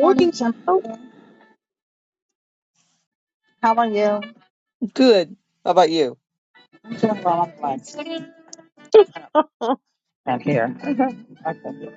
Morning, Jim. Oh, How are you? good. How about you? I'm doing well. I'm glad. I'm here. I feel you.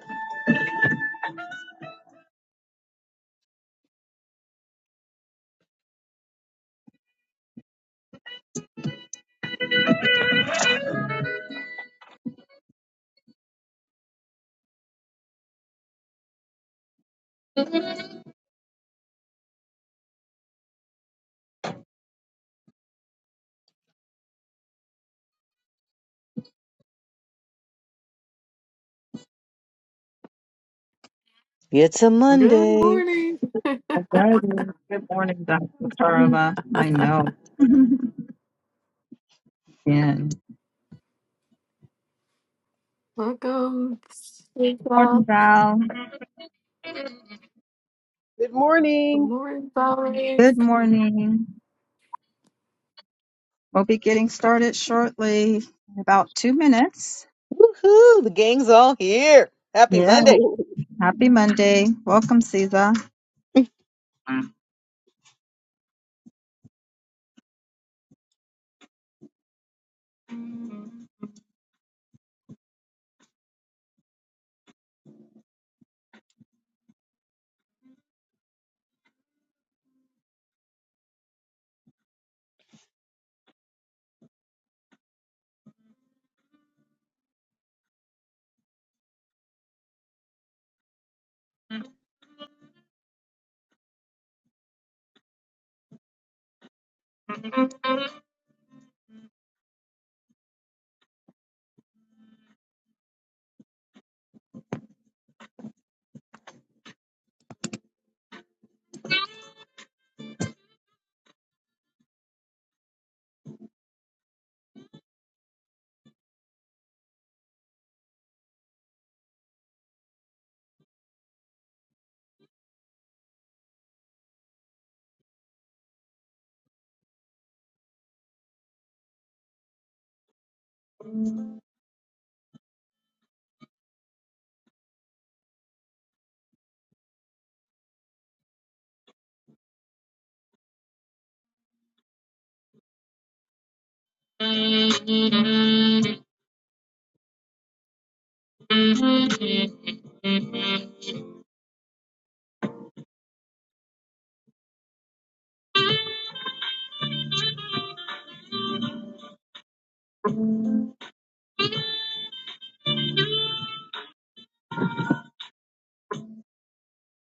It's a Good Monday. morning. Okay. Good morning, Dr. Woohoo! Carla. I know. Again. Welcome. Good Morning, Val. Good morning. morning, Valerie. Good morning. We'll be getting started shortly in about two minutes. The gang's all here. Happy Yeah. Monday. Happy Monday. Welcome, Cesar.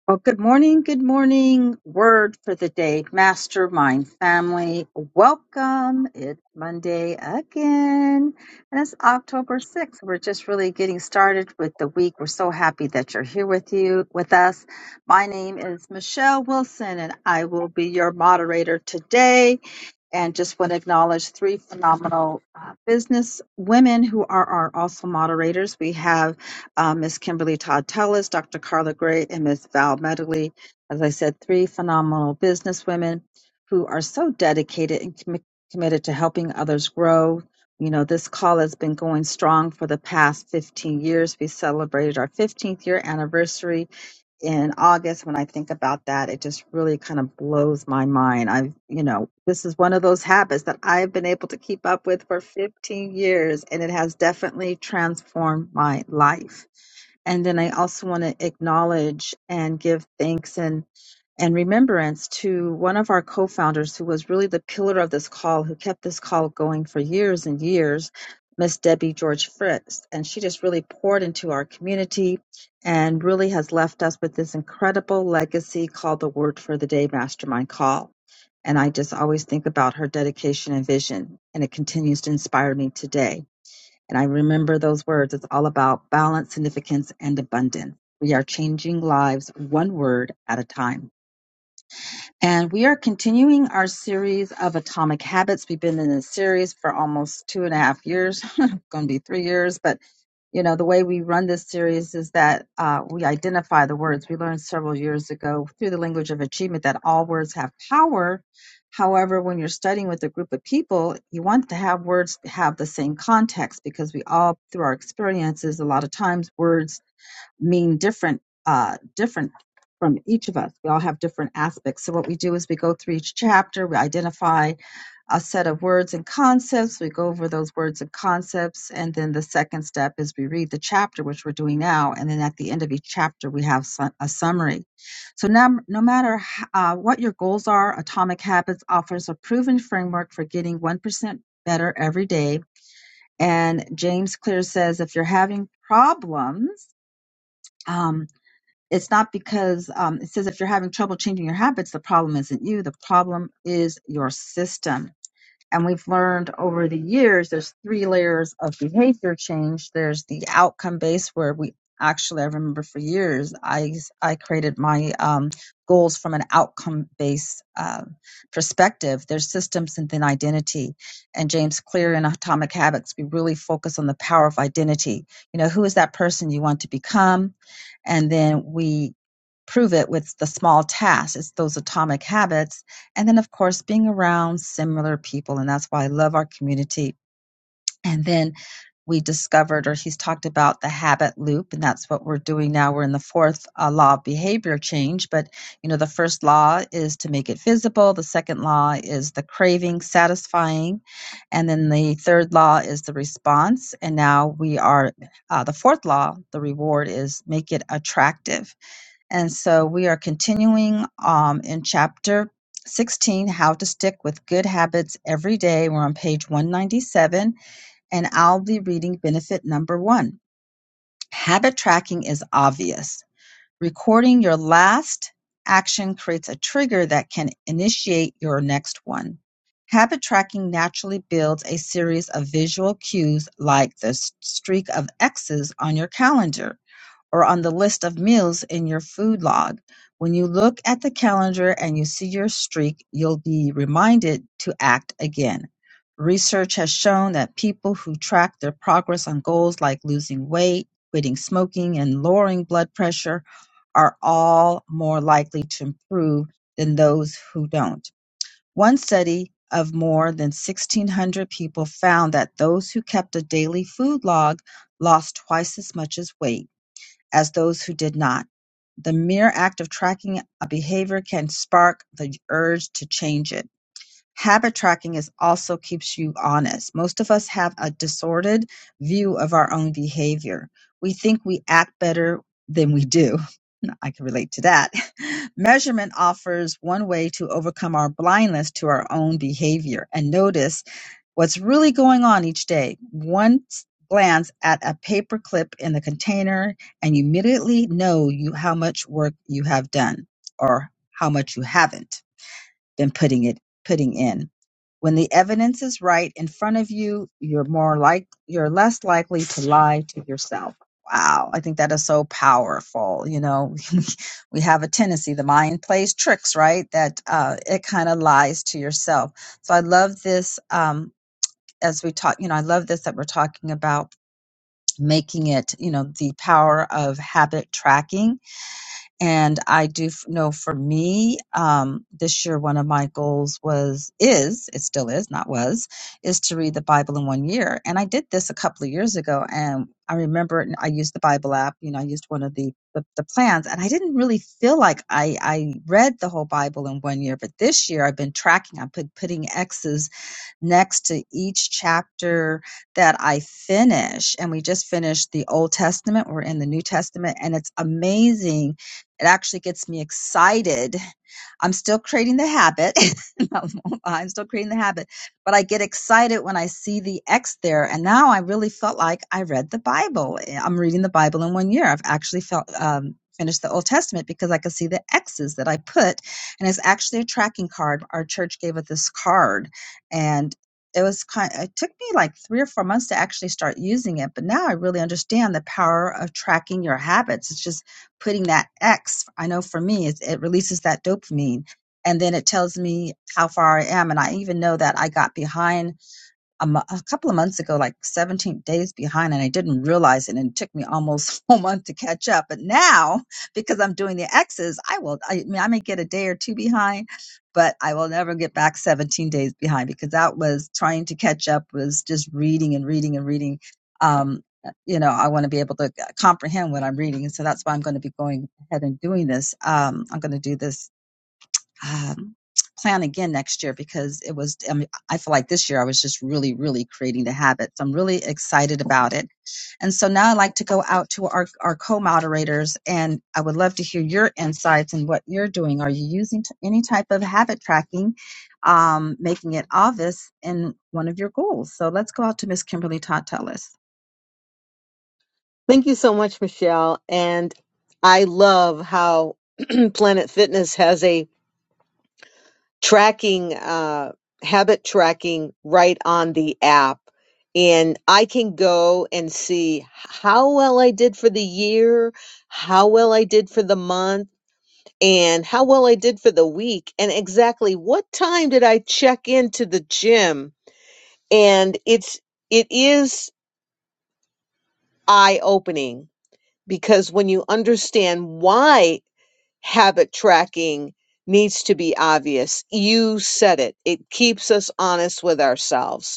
Well, good morning. Good morning. Word for the day, mastermind family. Welcome. It's Monday again. And it's October 6th. We're just really getting started with the week. We're so happy that you're here with you, with us. My name is Michelle Wilson and I will be your moderator today and just want to acknowledge three phenomenal uh, business women who are our also moderators. We have uh, Ms. Kimberly Todd Tellis, Dr. Carla Gray, and Ms. Val Medley. As I said, three phenomenal business women who are so dedicated and commi- committed to helping others grow. You know, this call has been going strong for the past 15 years. We celebrated our 15th year anniversary in August, when I think about that, it just really kind of blows my mind. I've, you know, this is one of those habits that I've been able to keep up with for 15 years, and it has definitely transformed my life. And then I also want to acknowledge and give thanks and and remembrance to one of our co-founders who was really the pillar of this call, who kept this call going for years and years, Miss Debbie George Fritz. And she just really poured into our community and really has left us with this incredible legacy called the Word for the Day Mastermind Call. And I just always think about her dedication and vision, and it continues to inspire me today. And I remember those words. It's all about balance, significance, and abundance. We are changing lives one word at a time. And we are continuing our series of Atomic Habits. We've been in this series for almost two and a half years, going to be three years. But, you know, the way we run this series is that uh, we identify the words. We learned several years ago through the language of achievement that all words have power. However, when you're studying with a group of people, you want to have words have the same context because we all, through our experiences, a lot of times words mean different uh different from each of us we all have different aspects so what we do is we go through each chapter we identify a set of words and concepts we go over those words and concepts and then the second step is we read the chapter which we're doing now and then at the end of each chapter we have su- a summary so now no matter h- uh, what your goals are atomic habits offers a proven framework for getting 1% better every day and james clear says if you're having problems um, it's not because um, it says if you're having trouble changing your habits, the problem isn't you. The problem is your system. And we've learned over the years there's three layers of behavior change. There's the outcome based where we actually I remember for years I I created my um, goals from an outcome based um perspective. There's systems and then identity. And James Clear in Atomic Habits, we really focus on the power of identity. You know, who is that person you want to become? And then we prove it with the small tasks. It's those atomic habits and then of course being around similar people and that's why i love our community and then we discovered or he's talked about the habit loop and that's what we're doing now we're in the fourth uh, law of behavior change but you know the first law is to make it visible the second law is the craving satisfying and then the third law is the response and now we are uh, the fourth law the reward is make it attractive and so we are continuing um, in chapter 16, How to Stick with Good Habits Every Day. We're on page 197, and I'll be reading benefit number one. Habit tracking is obvious. Recording your last action creates a trigger that can initiate your next one. Habit tracking naturally builds a series of visual cues like the streak of X's on your calendar or on the list of meals in your food log. When you look at the calendar and you see your streak, you'll be reminded to act again. Research has shown that people who track their progress on goals like losing weight, quitting smoking, and lowering blood pressure are all more likely to improve than those who don't. One study of more than 1,600 people found that those who kept a daily food log lost twice as much as weight as those who did not. The mere act of tracking a behavior can spark the urge to change it habit tracking is also keeps you honest. Most of us have a disordered view of our own behavior. We think we act better than we do. I can relate to that. Measurement offers one way to overcome our blindness to our own behavior and notice what's really going on each day. One s- glance at a paper clip in the container and you immediately know you how much work you have done or how much you haven't than putting it putting in. When the evidence is right in front of you, you're more like you're less likely to lie to yourself. Wow, I think that is so powerful. You know, we have a tendency, the mind plays tricks, right? That uh, it kind of lies to yourself. So I love this um, as we talk. You know, I love this that we're talking about making it. You know, the power of habit tracking and I do f- know for me, um, this year, one of my goals was, is, it still is, not was, is to read the Bible in one year. And I did this a couple of years ago. And I remember it- I used the Bible app, you know, I used one of the, the, the plans and I didn't really feel like I, I read the whole Bible in one year. But this year I've been tracking, I've been putting X's next to each chapter that I finish. And we just finished the Old Testament, we're in the New Testament, and it's amazing. It actually gets me excited. I'm still creating the habit. I'm still creating the habit, but I get excited when I see the X there. And now I really felt like I read the Bible. I'm reading the Bible in one year. I've actually felt um, finished the Old Testament because I could see the X's that I put, and it's actually a tracking card. Our church gave us this card and it was kind it took me like 3 or 4 months to actually start using it but now I really understand the power of tracking your habits it's just putting that x I know for me it, it releases that dopamine and then it tells me how far I am and I even know that I got behind a, mo- a couple of months ago, like 17 days behind, and I didn't realize it. And it took me almost a month to catch up. But now, because I'm doing the X's, I will, I mean, I may get a day or two behind, but I will never get back 17 days behind because that was trying to catch up was just reading and reading and reading. Um, you know, I want to be able to uh, comprehend what I'm reading. And so that's why I'm going to be going ahead and doing this. Um, I'm going to do this um, plan again next year because it was I, mean, I feel like this year i was just really really creating the habit so i'm really excited about it and so now i'd like to go out to our, our co-moderators and i would love to hear your insights and what you're doing are you using t- any type of habit tracking um, making it obvious in one of your goals so let's go out to miss kimberly todd Thank you so much, Michelle. And I love how Planet Fitness has a tracking, uh, habit tracking right on the app. And I can go and see how well I did for the year, how well I did for the month and how well I did for the week and exactly what time did I check into the gym and it's it is eye opening because when you understand why habit tracking needs to be obvious you said it it keeps us honest with ourselves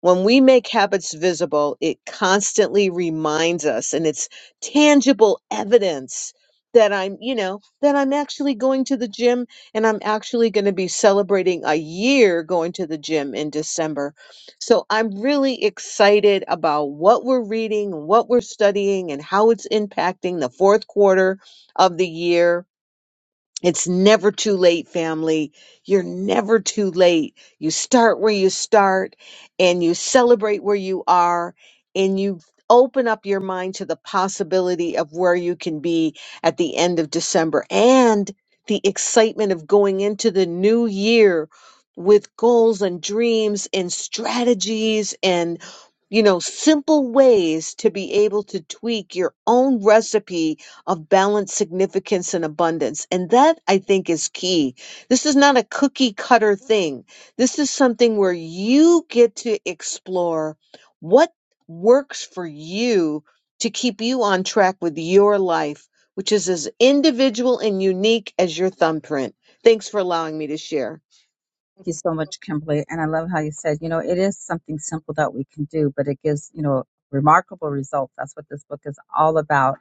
When we make habits visible, it constantly reminds us and it's tangible evidence that I'm, you know, that I'm actually going to the gym and I'm actually going to be celebrating a year going to the gym in December. So I'm really excited about what we're reading, what we're studying, and how it's impacting the fourth quarter of the year it's never too late, family. You're never too late. You start where you start and you celebrate where you are and you open up your mind to the possibility of where you can be at the end of December and the excitement of going into the new year with goals and dreams and strategies and you know simple ways to be able to tweak your own recipe of balance, significance, and abundance. And that I think is key. This is not a cookie cutter thing. This is something where you get to explore what works for you to keep you on track with your life, which is as individual and unique as your thumbprint. Thanks for allowing me to share. Thank you so much, Kimberly. And I love how you said, you know, it is something simple that we can do, but it gives, you know, remarkable results. That's what this book is all about.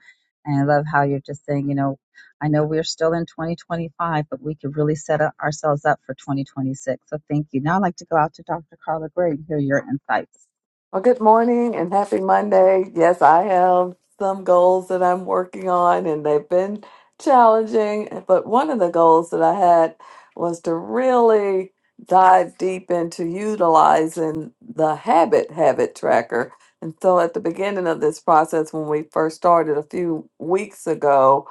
And I love how you're just saying, you know, I know we're still in 2025, but we could really set up- ourselves up for 2026. So thank you. Now I'd like to go out to Dr. Carla Gray and hear your insights. Well, good morning and happy Monday. Yes, I have some goals that I'm working on, and they've been challenging. But one of the goals that I had was to really dive deep into utilizing the habit habit tracker. And so at the beginning of this process, when we first started a few weeks ago,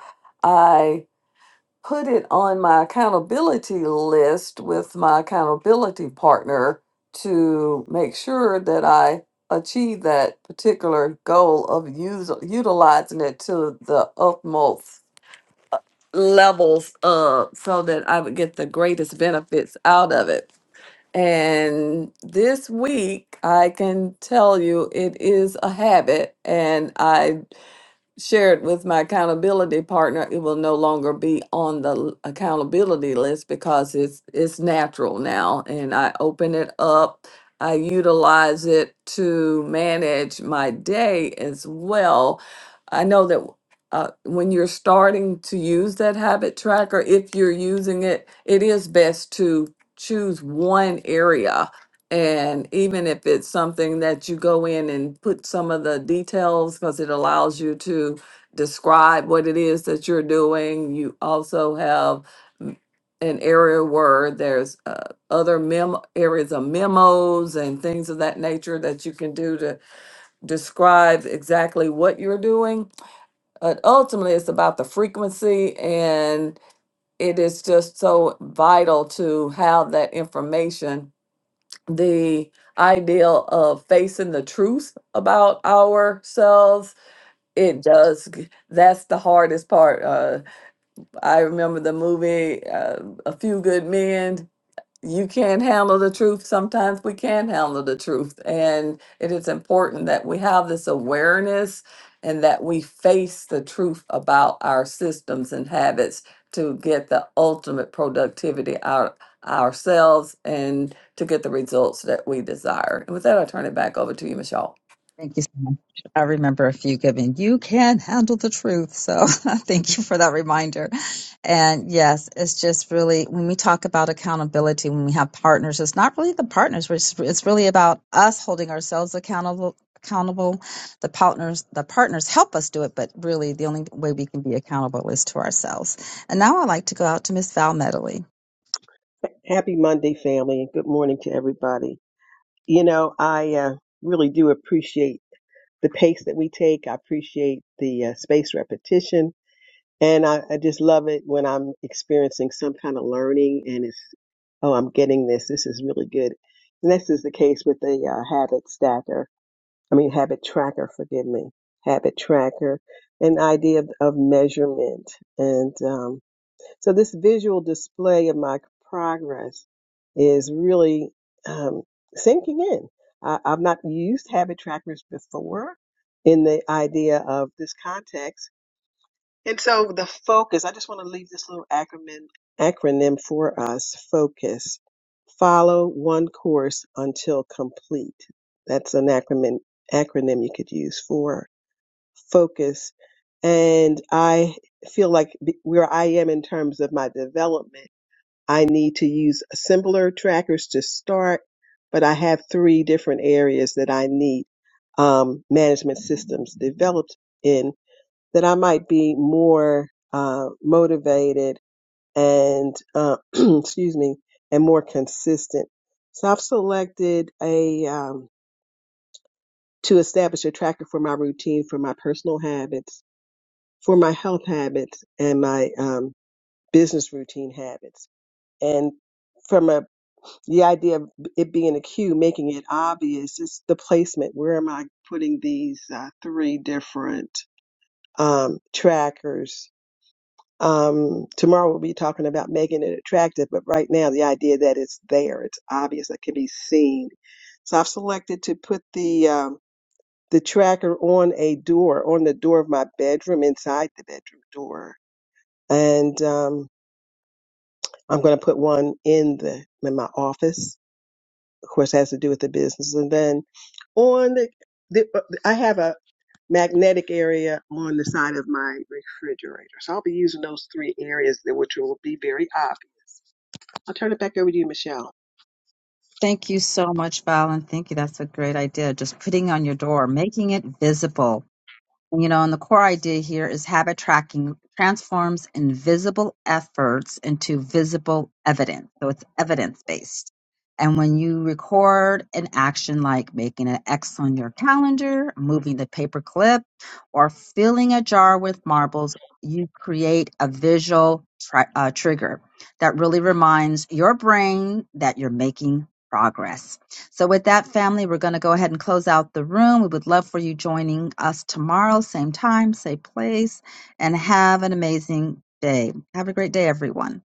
put it on my accountability list with my accountability partner to make sure that I achieve that particular goal of use, utilizing it to the utmost levels uh, so that I would get the greatest benefits out of it. And this week, I can tell you it is a habit, and I share it with my accountability partner, it will no longer be on the l- accountability list because it's it's natural now and I open it up. I utilize it to manage my day as well. I know that uh, when you're starting to use that habit tracker, if you're using it, it is best to choose one area and even if it's something that you go in and put some of the details, because it allows you to describe what it is that you're doing, you also have m- an area where there's uh, other mem areas of memos and things of that nature that you can do to describe exactly what you're doing. But ultimately, it's about the frequency, and it is just so vital to have that information the idea of facing the truth about ourselves it does g- that's the hardest part uh i remember the movie uh, a few good men you can't handle the truth. Sometimes we can handle the truth. And it is important that we have this awareness and that we face the truth about our systems and habits to get the ultimate productivity out ourselves and to get the results that we desire. And with that, I'll turn it back over to you, Michelle. Thank you so much. I remember a few giving. You can handle the truth. So thank you for that reminder. And yes, it's just really when we talk about accountability, when we have partners, it's not really the partners. It's, it's really about us holding ourselves accountable. Accountable, the partners the partners help us do it, but really the only way we can be accountable is to ourselves. And now I'd like to go out to Miss Val Medley. Happy Monday, family, and good morning to everybody. You know, I uh, really do appreciate the pace that we take. I appreciate the uh, space repetition, and I, I just love it when I'm experiencing some kind of learning and it's, oh, I'm getting this. This is really good. And this is the case with the uh, habit stacker. I mean, habit tracker, forgive me, habit tracker, an idea of, of measurement and, um, So this visual display of my progress is really um, sinking in. I, I've not used habit trackers before in the idea of this context. And so the focus, I just want to leave this little acronym, acronym for us, focus. Follow one course until complete. That's an acronym, acronym you could use for focus. And I feel like be- where I am in terms of my development I need to use similar trackers to start, but I have three different areas that I need um, management systems developed in that I might be more uh, motivated and, uh, excuse me, and more consistent. So I've selected a, um, to establish a tracker for my routine, for my personal habits, for my health habits, and my um, business routine habits. And from a the idea of it being a cue, making it obvious, is the placement. Where am I putting these uh, three different um, trackers? Um, tomorrow we'll be talking about making it attractive, but right now the idea that it's there, it's obvious, it can be seen. So I've selected to put the um, the tracker on a door, on the door of my bedroom, inside the bedroom door, and um, I'm going to put one in the in my office of course, has to do with the business. And then on the, the uh, I have a magnetic area on the side of my refrigerator. So I'll be using those three areas, that- which will be very obvious. I'll turn it back over to you, Michelle. Thank you so much, Val, and thank you. That's a great idea. Just putting on your door, making it visible. You know, and the core idea here is habit tracking transforms invisible efforts into visible evidence. So it's evidence based. And when you record an action like making an X on your calendar, moving the paper clip, or filling a jar with marbles, you create a visual tri- uh, trigger that really reminds your brain that you're making progress. So, with that, family, we're going to go ahead and close out the room. We would love for you joining us tomorrow, same time, same place, and have an amazing day. Have a great day, everyone.